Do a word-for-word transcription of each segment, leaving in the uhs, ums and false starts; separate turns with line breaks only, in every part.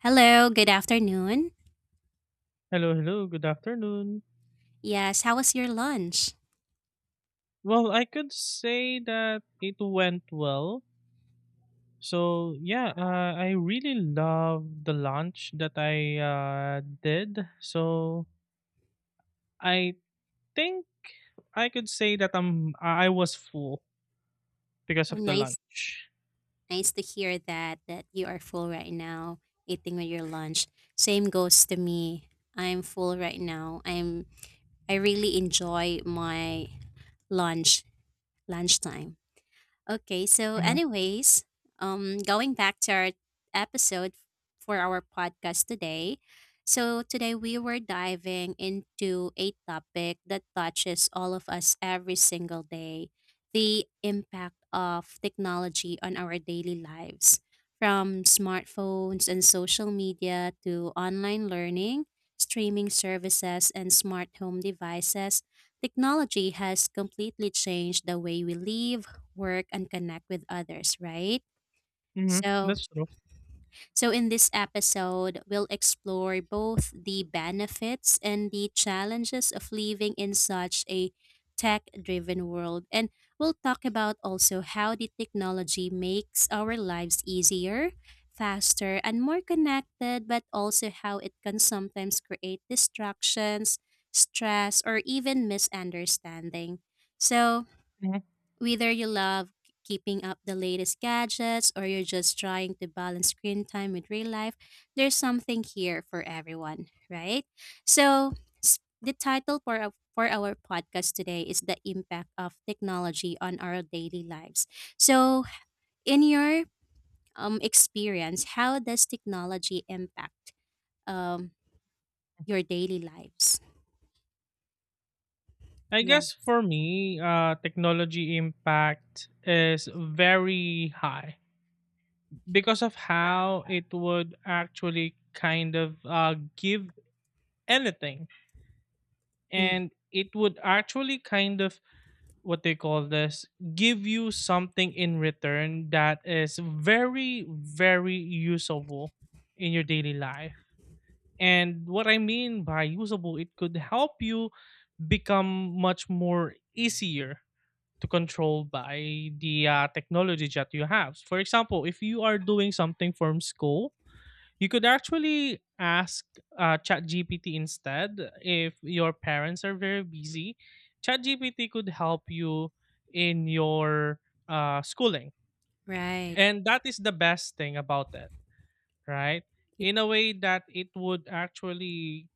Hello, good afternoon.
Hello, hello. Good afternoon.
Yes, how was your lunch?
Well, I could say that it went well. So, yeah, uh, I really love the lunch that I uh, did. So, I think I could say that I'm I I was full because
Oh,
of the
nice,
lunch.
nice to hear that that you are full right now, eating with your lunch. Same goes to me. I'm full right now. I'm I really enjoy my lunch, lunchtime. Okay, so
Mm-hmm.
anyways, um going back to our episode for our podcast today. So today we were diving into a topic that touches all of us every single day, the impact of technology on our daily lives. From smartphones and social media to online learning, streaming services and smart home devices, technology has completely changed the way we live, work, and connect with others, right?
Mm-hmm.
So,
That's true.
so in this episode, we'll explore both the benefits and the challenges of living in such a tech-driven world. And we'll talk about also how the technology makes our lives easier, faster, and more connected, but also how it can sometimes create distractions, stress, or even misunderstanding. So,
hmm
whether you love keeping up the latest gadgets or you're just trying to balance screen time with real life, there's something here for everyone, right? So, s- the title for our, for our podcast today is the impact of technology on our daily lives. So, in your um, experience, how does technology impact um, your daily lives?
I
Yeah.
guess for me, uh, technology impact is very high because of how it would actually kind of uh, give anything,
Mm.
and it would actually kind of what they call this give you something in return that is very very usable in your daily life. And what I mean by usable, it could help you become much more easier to control by the uh, technology that you have. For example, if you are doing something from school, you could actually ask uh, ChatGPT instead. If your parents are very busy, ChatGPT could help you in your uh, schooling.
Right.
And that is the best thing about it, right? In a way that it would actually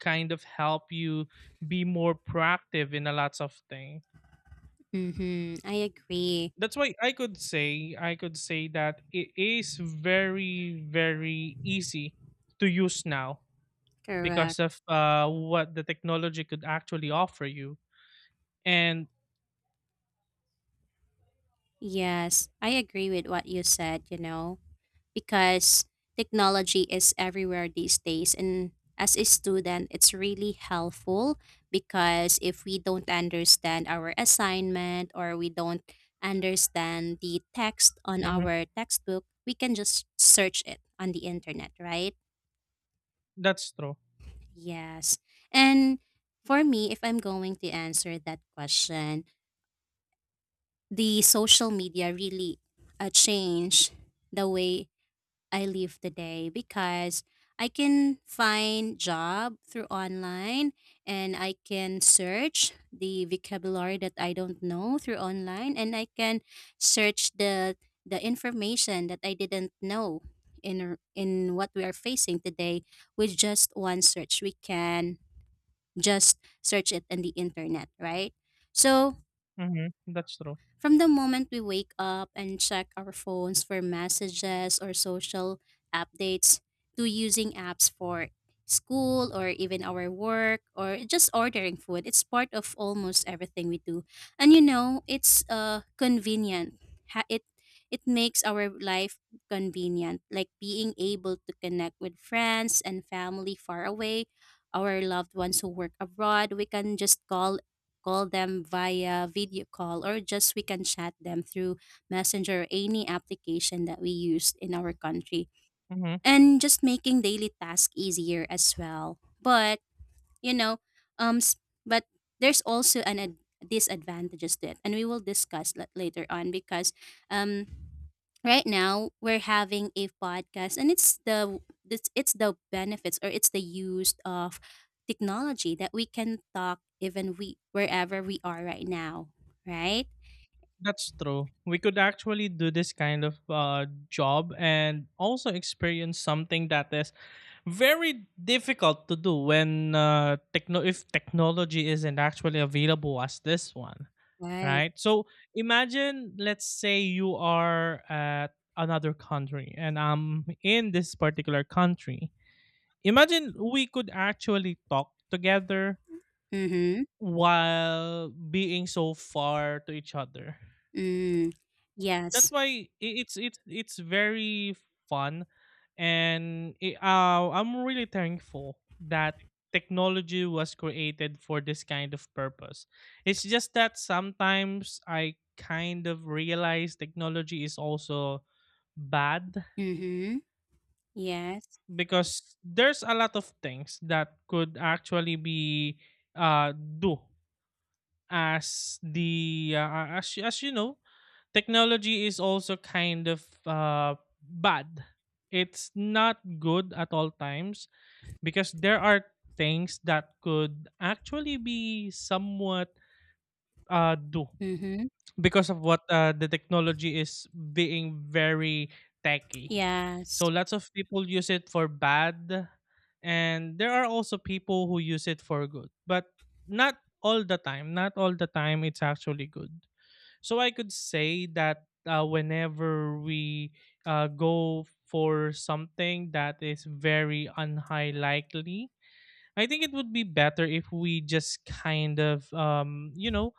kind of help you be more proactive in a lots of things.
Mm-hmm. I agree.
That's why I could say I could say that it is very very easy to use now
Correct.
because of uh, what the technology could actually offer you. And
Yes, I agree with what you said, you know, because technology is everywhere these days. And as a student, it's really helpful because if we don't understand our assignment or we don't understand the text on
mhm,
our textbook, we can just search it on the internet, right?
that's true.
Yes. And for me, if I'm going to answer that question, the social media really uh, changed the way I live today, because I can find job through online and I can search the vocabulary that I don't know through online and I can search the the information that I didn't know in r- in what we are facing today. With just one search we can just search it on the internet, right? So
Hmm that's true.
from the moment we wake up and check our phones for messages or social updates to using apps for school or even our work or just ordering food, it's part of almost everything we do. And you know, it's uh, convenient. Ha- It it makes our life convenient, like being able to connect with friends and family far away, our loved ones who work abroad. We can just call call them via video call, or just we can chat them through Messenger or any application that we use in our country.
hmm
And just making daily tasks easier as well. But you know um s- but there's also an ad- disadvantages to it and we will discuss that later on, because um right now we're having a podcast and it's the it's, it's the benefits or it's the use of technology that we can talk even we wherever we are right now, right?
that's true. We could actually do this kind of uh, job and also experience something that is very difficult to do when uh, techno- if technology isn't actually available as this one,
right
right? So imagine, let's say you are at another country and I'm in this particular country. Imagine we could actually talk together
mm-hmm.
while being so far to each other.
Mm.
That's
Yes.
why i- it's it's it's very fun, and i- uh, I'm really thankful that technology was created for this kind of purpose. It's just that sometimes I kind of realize technology is also bad
Mm-hmm. Yes.
because there's a lot of things that could actually be uh do, as the uh, as as you know, technology is also kind of uh bad. It's not good at all times because there are things that could actually be somewhat uh do
Mm-hmm.
because of what uh, the technology is being very techy.
Yes.
So lots of people use it for bad, and there are also people who use it for good, but not all the time. Not all the time, it's actually good. So I could say that uh, whenever we uh, go for something that is very unhigh likely, I think it would be better if we just kind of um you know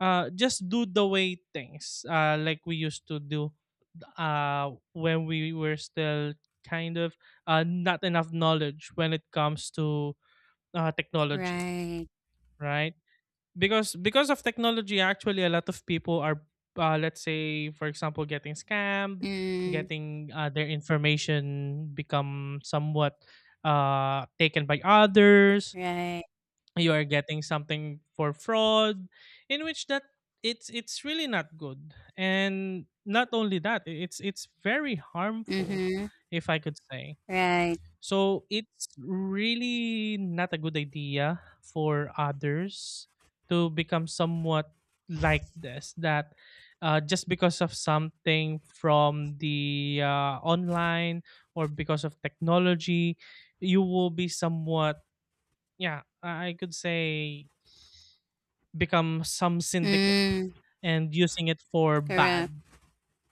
uh just do the way things uh like we used to do uh when we were still kind of uh not enough knowledge when it comes to uh technology,
Right.
right? Because because of technology, actually a lot of people are, uh, let's say for example, getting scammed,
Mm.
getting uh, their information become somewhat uh taken by others,
Right.
you are getting something for fraud, in which that it's it's really not good. And not only that, i- it's it's very harmful,
Mm-hmm.
if I could say.
Right.
So it's really not a good idea for others to become somewhat like this, that uh, just because of something from the uh, online or because of technology, you will be somewhat, yeah, i I could say, become some syndicate
Mm.
and using it for
Correct.
bad.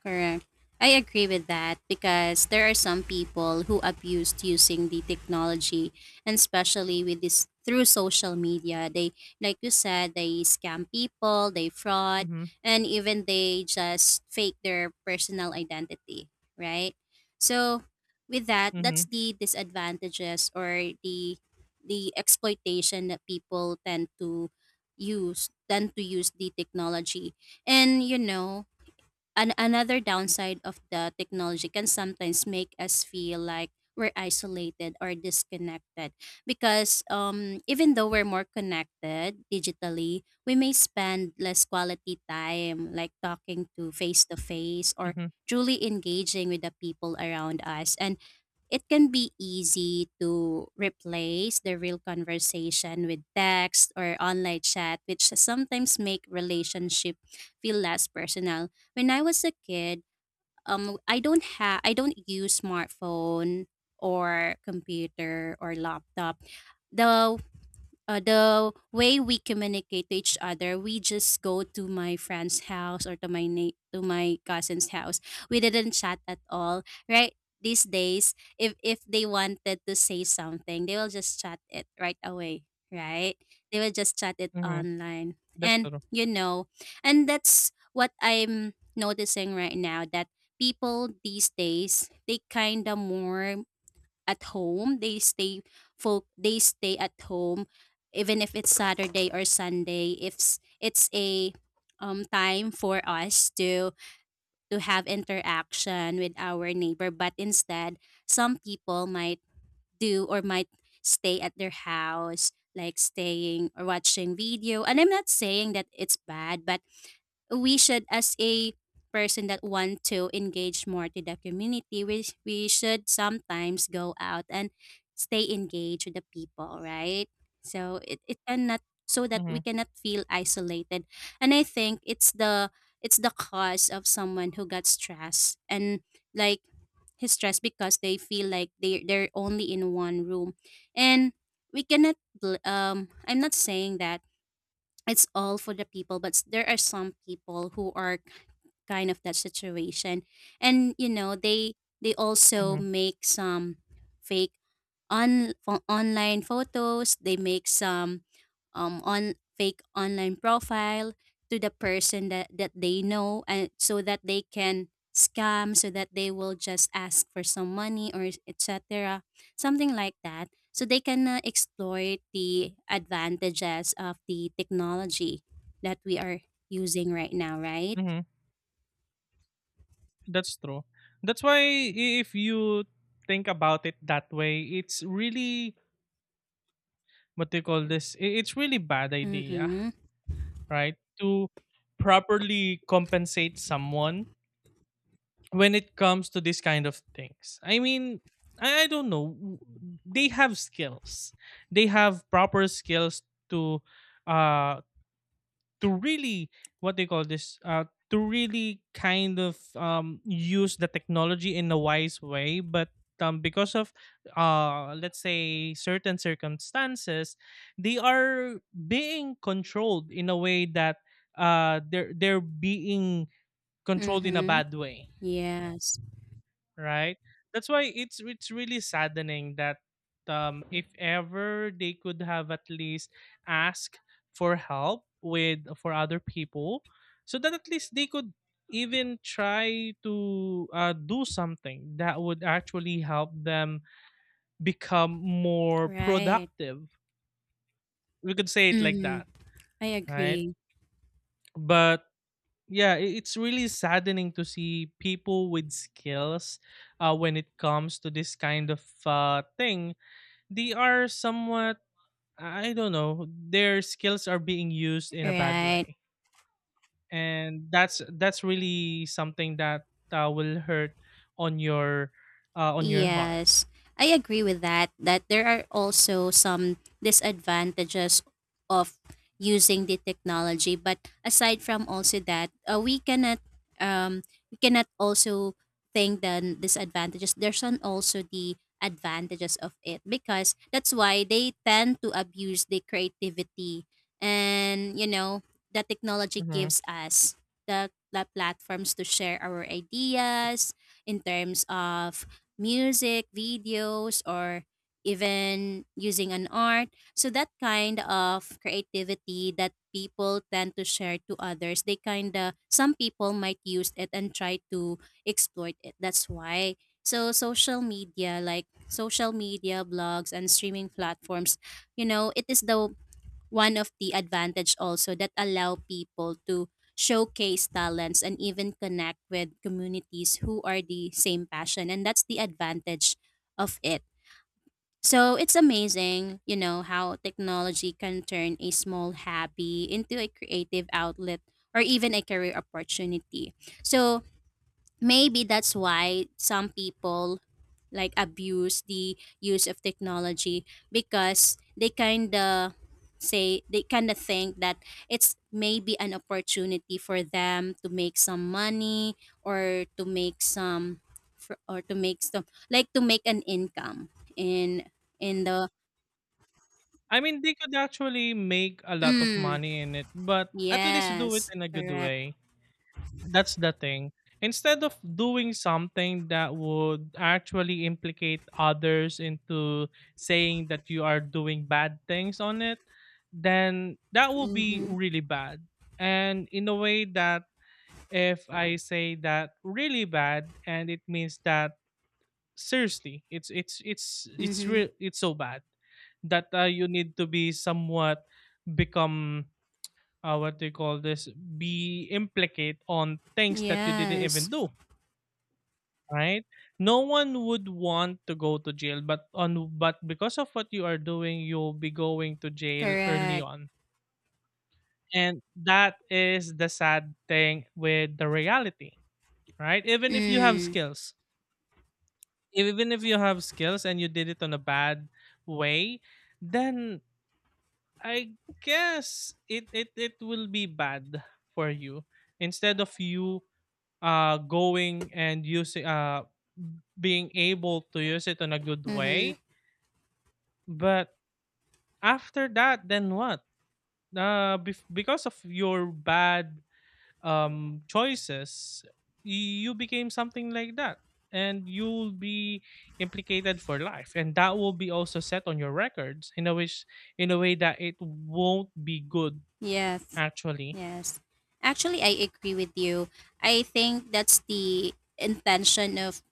Correct. I agree with that because there are some people who abused using the technology, and especially with this through social media. They, like you said, they scam people, they fraud,
Mhm,
and even they just fake their personal identity, right? So with that, that's
mhm,
the disadvantages or the the exploitation that people tend to use tend to use the technology. And you know, an- another downside of the technology can sometimes make us feel like we're isolated or disconnected, because um, even though we're more connected digitally we may spend less quality time like talking to face to face or
mhm,
truly engaging with the people around us, and it can be easy to replace the real conversation with text or online chat, which sometimes make relationship feel less personal. When I was a kid, um, I don't have, I don't use smartphone or computer or laptop. The uh, the way we communicate to each other, we just go to my friend's house or to my na- to my cousin's house. We didn't chat at all, right? These days, if if they wanted to say something, they will just chat it right away, right? They will just chat it
mhm.
online,
That's
and
true.
you know, and that's what I'm noticing right now, that people these days they kind of more at home. They stay folk they stay at home even if it's Saturday or Sunday. If s- it's a um time for us to to have interaction with our neighbor, but instead some people might do or might stay at their house like staying or watching video, and I'm not saying that it's bad, but we should, as a person that want to engage more to the community, we, we should sometimes go out and stay engaged with the people, right? So it, it cannot, so that we
Mhm,
cannot feel isolated. And I think it's the it's the cause of someone who got stressed, and like his stress because they feel like they they're only in one room. And we cannot bl- um I'm not saying that it's all for the people, but s- there are some people who are k- kind of that situation. And you know they they also
mhm,
make some fake on fo- online photos. They make some um on fake online profile to the person that that they know, and so that they can scam, so that they will just ask for some money or etc, something like that, so they can uh, explore the advantages of the technology that we are using right now, right?
mhm. That's true. That's why, i- if you think about it that way, it's really, what do you call this? I- It's really bad idea,
Mm-hmm.
right? To properly compensate someone when it comes to this kind of things. I mean, I, I don't know. w- They have skills. They have proper skills to uh to really, what they call this, uh to really kind of um use the technology in a wise way, but um, because of uh let's say certain circumstances, they are being controlled in a way that uh they're they're being controlled in a
Mm-hmm.
bad way,
Yes.
right? That's why it's it's really saddening that, um if ever, they could have at least asked for help with for other people so that at least they could even try to uh, do something that would actually help them become more
Right.
productive, we could say it like
Mm-hmm.
that,
I
right?
agree.
But yeah, i- it's really saddening to see people with skills uh, when it comes to this kind of uh, thing. They are somewhat, I don't know, their skills are being used in a bad
Right.
way. And that's that's really something that uh, will hurt on your uh, on your heart.
Yes, I agree with that. That there are also some disadvantages of using the technology, but aside from also that, uh, we cannot um we cannot also think the disadvantages. There's an also the advantages of it because that's why they tend to abuse the creativity. And you know the technology
Mhm.
gives us the, the platforms to share our ideas in terms of music, videos, or even using an art. So that kind of creativity that people tend to share to others, they kind of, some people might use it and try to exploit it. That's why. So social media, like social media, blogs, and streaming platforms, you know, it is the one of the advantage also that allow people to showcase talents and even connect with communities who are the same passion, and that's the advantage of it. So it's amazing, you know, how technology can turn a small hobby into a creative outlet or even a career opportunity. So maybe that's why some people like abuse the use of technology, because they kind of say they kind of think that it's maybe an opportunity for them to make some money, or to make some fr- or to make some like to make an income in in the
I mean, they could actually make a lot of
mm,
money in it, but at least do it
yes,
in a good
correct.
way. That's the thing. Instead of doing something that would actually implicate others into saying that you are doing bad things on it, then that will be
Mhm.
really bad. And in a way that if I say that really bad, and it means that seriously, it's it's it's it's
Mhm.
real, it's so bad that uh, you need to be somewhat become, uh, what do you call this, be implicate on things that you didn't
Yes.
even do, right? No one would want to go to jail, but on, but because of what you are doing, you'll be going to jail early
Correct.
on. And that is the sad thing with the reality, right? Even if you have
Mm.
skills, even if you have skills and you did it on a bad way, then I guess it it, it will be bad for you. Instead of you uh, going and using, uh, being able to use it in a good
Mhm.
way. But after that, then what? Uh, bef- because of your bad um, choices, you became something like that, and you'll be implicated for life, and that will be also set on your records in a which in a way that it won't be good
Yes.
actually.
Yes. Actually, I agree with you. I think that's the intention of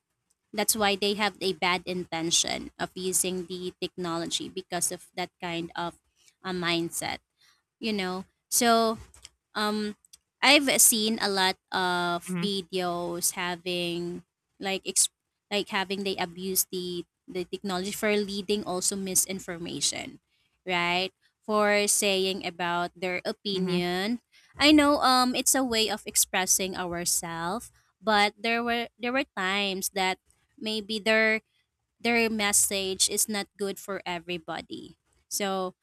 that's why they have a bad intention of using the technology, because of that kind of a mindset, you know. So um, I've seen a lot of
hmm
videos having like ex- like having they abuse the the technology for leading also misinformation, right? For saying about their
hmm
opinion. I know um it's a way of expressing ourselves, but there were there were times that maybe their their message is not good for everybody. So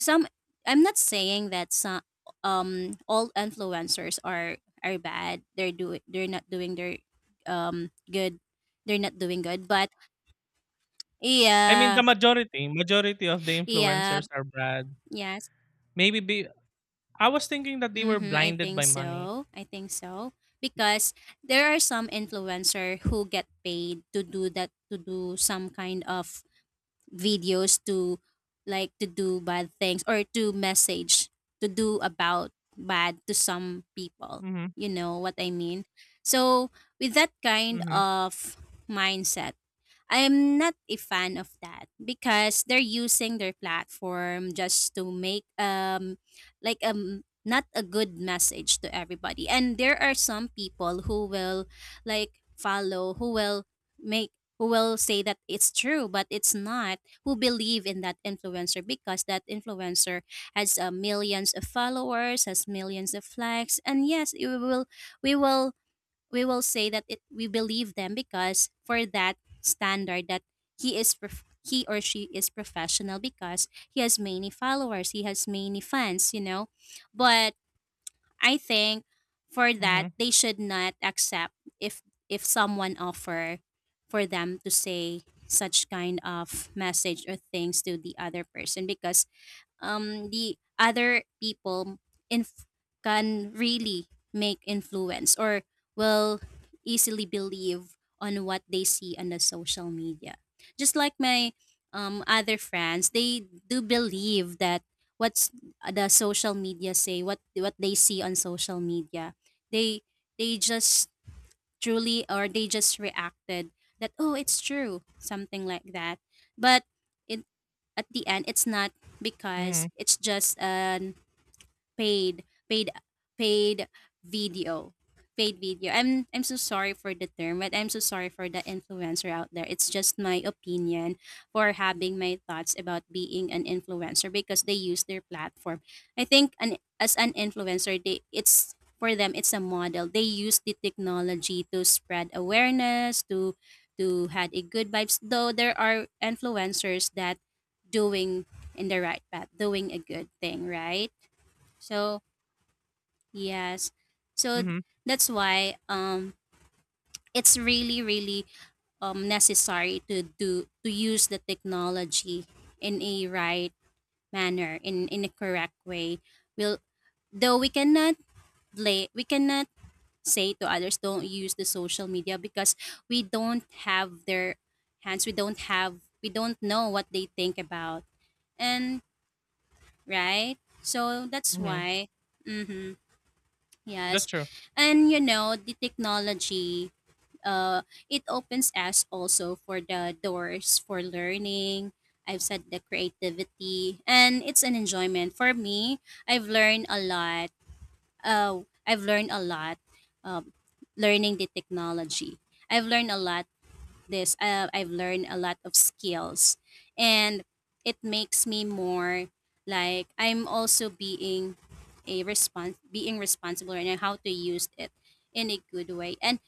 some I'm not saying that some um all influencers are are bad. They're do they're not doing their um good. They're not doing good, but
I mean,
yeah,
the majority majority of the
yeah,
influencers are bad.
yes.
Maybe be, I was thinking that they were
Mhm, I
blinded
think
by money.
so. I think so, because there are some influencer who get paid to do that, to do some kind of videos, to like to do bad things or to message to do about bad to some people.
Mhm.
You know what I mean? So with that kind
Mhm.
of mindset I'm not a fan of that because they're using their platform just to make um like um not a good message to everybody. And there are some people who will like follow, who will make who will say that it's true but it's not, who believe in that influencer because that influencer has uh, millions of followers, has millions of likes. And yes, you will we will we will say that it we believe them because for that standard that he is prof- he or she is professional because he has many followers, he has many fans, you know? But I think for that
Mhm.
they should not accept if if someone offer for them to say such kind of message or things to the other person because um the other people inf- can really make influence or will easily believe on what they see on the social media. Just like my um other friends, they do believe that what's uh, the social media say, what what they see on social media, they they just truly or they just reacted that, oh, it's true, something like that. But it at the end, it's not because
Mhm.
it's just an paid paid paid video paid video. I'm i'm so sorry for the term, but I'm so sorry for the influencer out there. It's just my opinion for having my thoughts about being an influencer because they use their platform. I think an as an influencer, they it's for them, it's a model. They use the technology to spread awareness to to had a good vibes. Though there are influencers that doing in the right path, doing a good thing, right? So yes. So
Mhm.
that's why um it's really, really um necessary to do to use the technology in a right manner, in in a correct way. Will Though we cannot lay we cannot say to others, don't use the social media because we don't have their hands, we don't have we don't know what they think about, and right. So that's
Mhm.
why, mm-hmm,
That's
yes.
true.
And you know, the technology, uh, it opens us also for the doors for learning. I've said the creativity and it's an enjoyment for me. I've learned a lot. Uh, I've learned a lot, um, learning the technology. I've learned a lot this. Uh, I've learned a lot of skills, and it makes me more like I'm also being a response being responsible and how to use it in a good way. And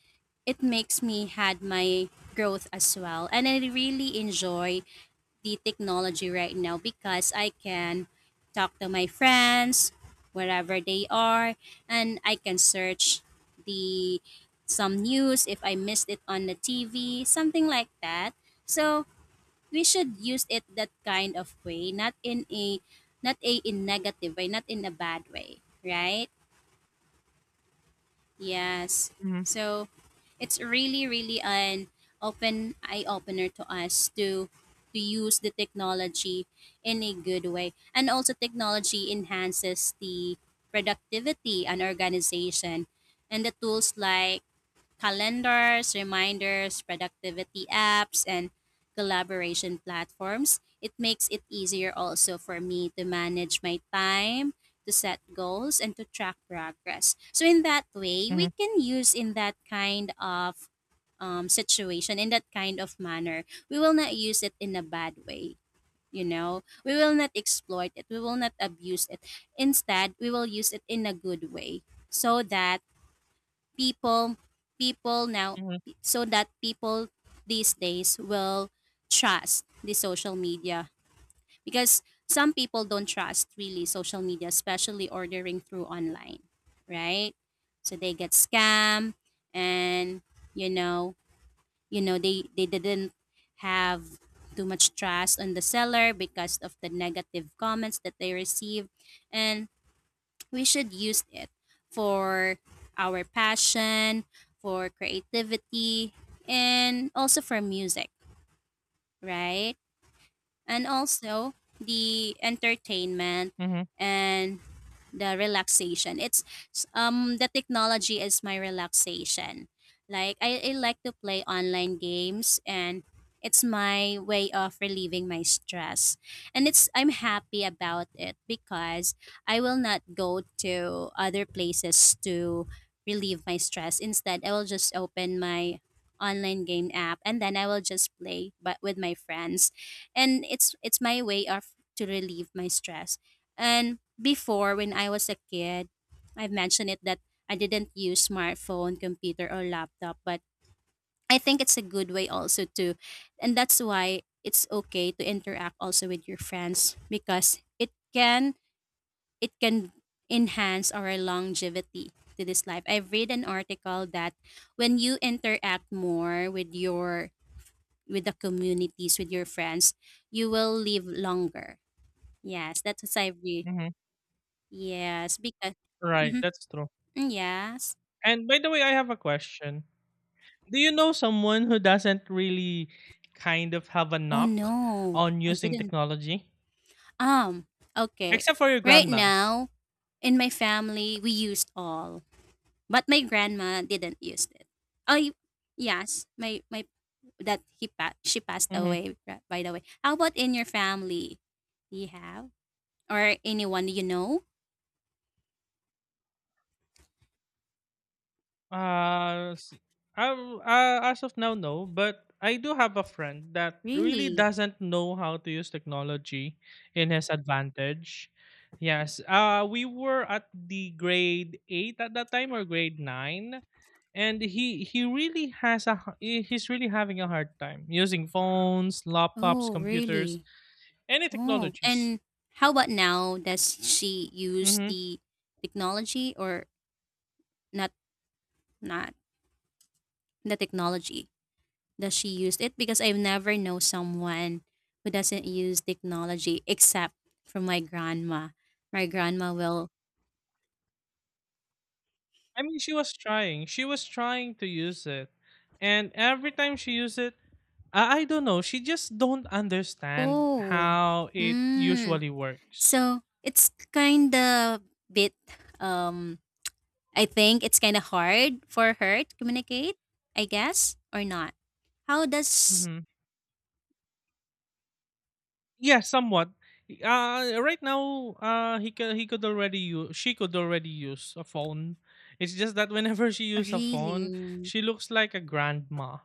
it makes me had my growth as well. And I really enjoy the technology right now because I can talk to my friends wherever they are, and I can search the some news if I missed it on the T V, something like that. So we should use it that kind of way, not in a not a in negative way, not in a bad way, right? Yes.
Mhm.
So it's really, really an open eye opener to us to to use the technology in a good way. And also technology enhances the productivity and organization. And the tools like calendars, reminders, productivity apps, and collaboration platforms. It makes it easier also for me to manage my time, to set goals, and to track progress. So, in that way, we
Mhm.
can use in that kind of um, situation, in that kind of manner. We will not use it in a bad way. You know, we will not exploit it. We will not abuse it. Instead, we will use it in a good way so that people people now
Mhm.
so that people these days will trust the social media because some people don't trust really social media, especially ordering through online, right? So they get scammed. And, you know, you know they they didn't have too much trust on the seller because of the negative comments that they received. And we should use it for our passion, for creativity, and also for music, right? And also the entertainment
Mhm.
and the relaxation. It's um the technology is my relaxation. Like I, I like to play online games, and it's my way of relieving my stress. And it's I'm happy about it because I will not go to other places to relieve my stress. Instead, I will just open my online game app and then I will just play but with my friends. And it's it's my way of to relieve my stress. And before, when I was a kid, I've mentioned it that I didn't use smartphone, computer, or laptop. But I think it's a good way also to, and that's why it's okay to interact also with your friends because it can it can enhance our longevity to this life. I've read an article that when you interact more with your, with the communities, with your friends, you will live longer. Yes, that's what I've read.
Mhm.
Yes, because
Right,
mhm,
that's true.
mm, yes.
And by the way, I have a question. Do you know someone who doesn't really kind of have a
Oh
knock
no,
on
I
using
didn't.
technology?
Um, okay.
Except for your
Right
grandma.
now, in my family, we used all, but my grandma didn't use it. Oh, y- yes, my my that he pa- she passed
Mm-hmm.
away. ra- By the way, how about in your family? Do you have or anyone you know?
Uh, s- um, uh, as of now, no. But I do have a friend that really
Really?
doesn't know how to use technology in his advantage. Yes. Uh, we were at the grade eight at that time or grade nine. And he he really has a h- he- he's really having a hard time using phones, laptops,
Oh,
computers,
really?
any
Oh,
technologies.
and how about now? Does she use
hmm
the technology or not not the technology that she used it because I've never know someone who doesn't use technology except from my grandma. My grandma will
I mean, she was trying. She was trying to use it, and every time she used it, I, I don't know. She just don't understand
oh
how it
mm.
usually works.
So it's kinda bit um I think it's kinda hard for her to communicate, I guess, or not. How does
hmm Yeah, somewhat. Uh, right now, uh, he could he could already use, she could already use a phone. It's just that whenever she used a phone,
Really,
she looks like a grandma.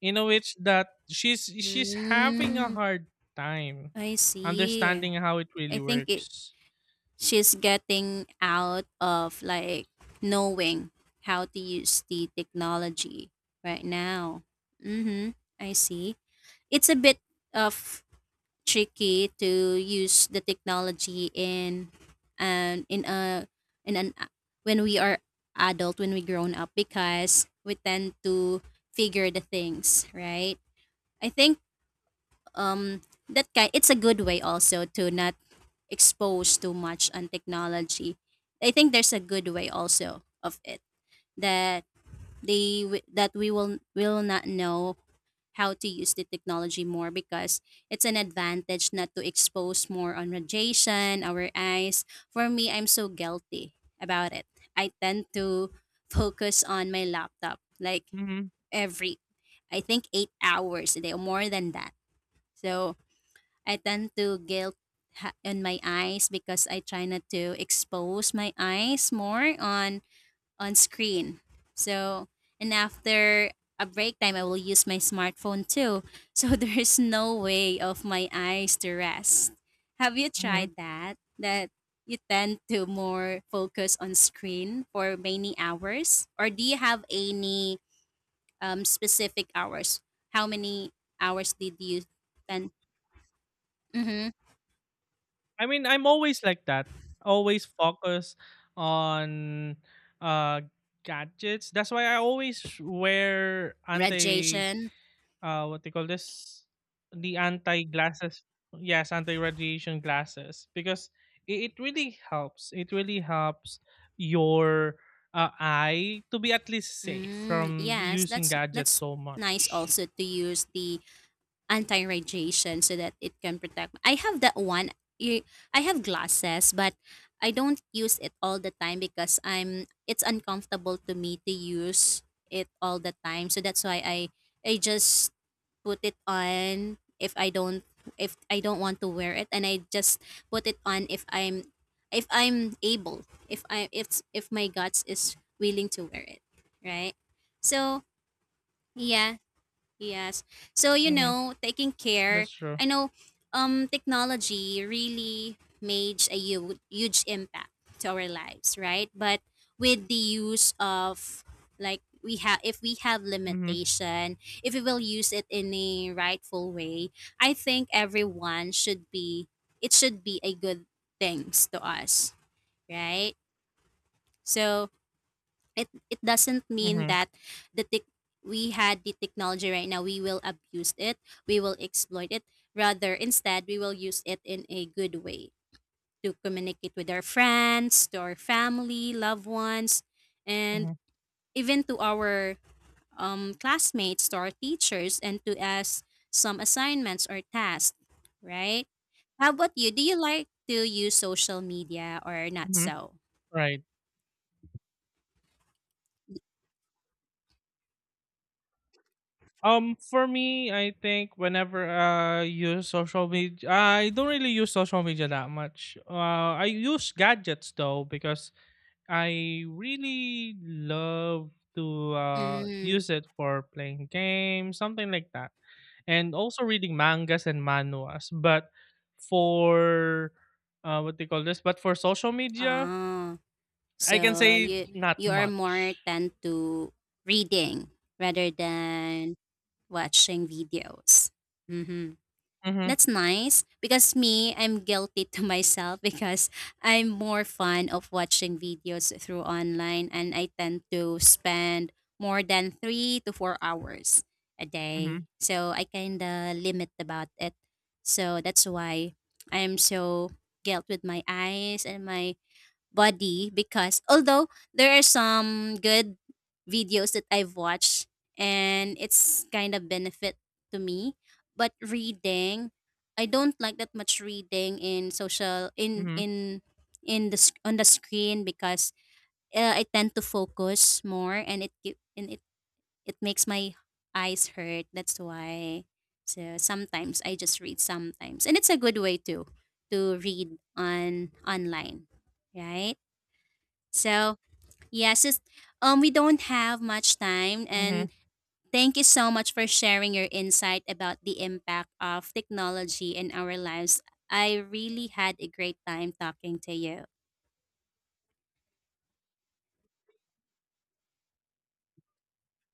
In know it's that she's she's having a
mm,
hard time
I see.
understanding how it
I
really
think it
works.
she's getting out of like knowing how to use the technology right now. Mm-hmm. I see. It's a bit of tricky to use the technology in and in a in an when we are adult, when we grown up because we tend to figure the things, right? I think um that kind. It's a good way also to not exposed too much on technology. I think there's a good way also of it that they w- that we will will not know how to use the technology more because it's an advantage not to expose more on radiation, our eyes. For me, I'm so guilty about it. I tend to focus on my laptop like
hmm
every I think eight hours a day or more than that. So I tend to guilt ha- on my eyes because I try not to expose my eyes more on on screen. So and after a break time, I will use my smartphone too. So there is no way of my eyes to rest. Have you
hmm
tried that? That you tend to more focus on screen for many hours, or do you have any um, specific hours? How many hours did you spend? Mm-hmm.
I mean, I'm always like that. Always focus on uh gadgets. That's why I always wear anti,
Radiation.
uh what they call this the anti glasses. Yes, anti radiation glasses because it, it really helps. It really helps your uh, eye to be at least safe
Mm,
from
yes,
using
that's
gadgets
that's
so
nice
much.
also to use the anti-radiation so that it can protect. I have that one. You, I have glasses, but I don't use it all the time because I'm it's uncomfortable to me to use it all the time. So that's why I I just put it on if I don't, if I don't want to wear it, and I just put it on if I'm, if I'm able, if I if if my guts is willing to wear it, right? So, yeah. Yes. So, you
Mhm.
know, taking care.
That's true.
I know um technology really made a huge, huge impact to our lives, right? But with the use of, like, we have, if we have
Mhm.
limitation, if we will use it in a rightful way, I think everyone should be, it should be a good things to us, right? So, it it doesn't mean
Mhm.
that the tech we had the technology right now, we will abuse it, we will exploit it. Rather, instead, we will use it in a good way to communicate with our friends, to our family, loved ones, and
Mhm.
even to our um, classmates, to our teachers, and to us some assignments or tasks, right? How about you? Do you like to use social media or not?
Mhm.
So,
Right. Um, for me, I think whenever I use social media, I don't really use social media that much. Uh, I use gadgets though because I really love to uh,
mm,
use it for playing games, something like that, and also reading mangas and manuas. But for, uh, what do you call this? But for social media,
ah.
I can
So
say
you
not
you are more
much.
tend to reading rather than watching videos. Hmm.
Mm-hmm.
That's nice because me, I'm guilty to myself because I'm more fond of watching videos through online and I tend to spend more than three to four hours a
Mm-hmm.
day. So I kind of limit about it. So that's why I'm so guilt with my eyes and my body because although there are some good videos that I've watched, and it's kind of benefit to me, but reading, I don't like that much reading in social in
Mm-hmm.
in in the sc- on the screen because uh, I tend to focus more and it gi- and it it makes my eyes hurt. That's why. So sometimes I just read sometimes, and it's a good way too to read on online, right? So yes, it's, um, we don't have much time, and
Mm-hmm.
thank you so much for sharing your insight about the impact of technology in our lives. I really had a great time talking to you.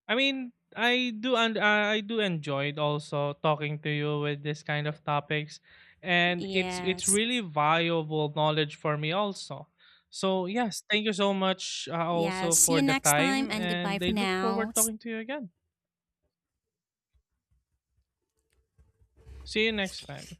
I mean, I do, and I do enjoyed also talking to you with this kind of topics, and it's it's
Yes.
really valuable knowledge for me also. So yes, thank you so much uh,
Yes.
also
See
for
you
the
next time,
time,
and goodbye
and I
for
look
now.
forward talking to you again. See you next time.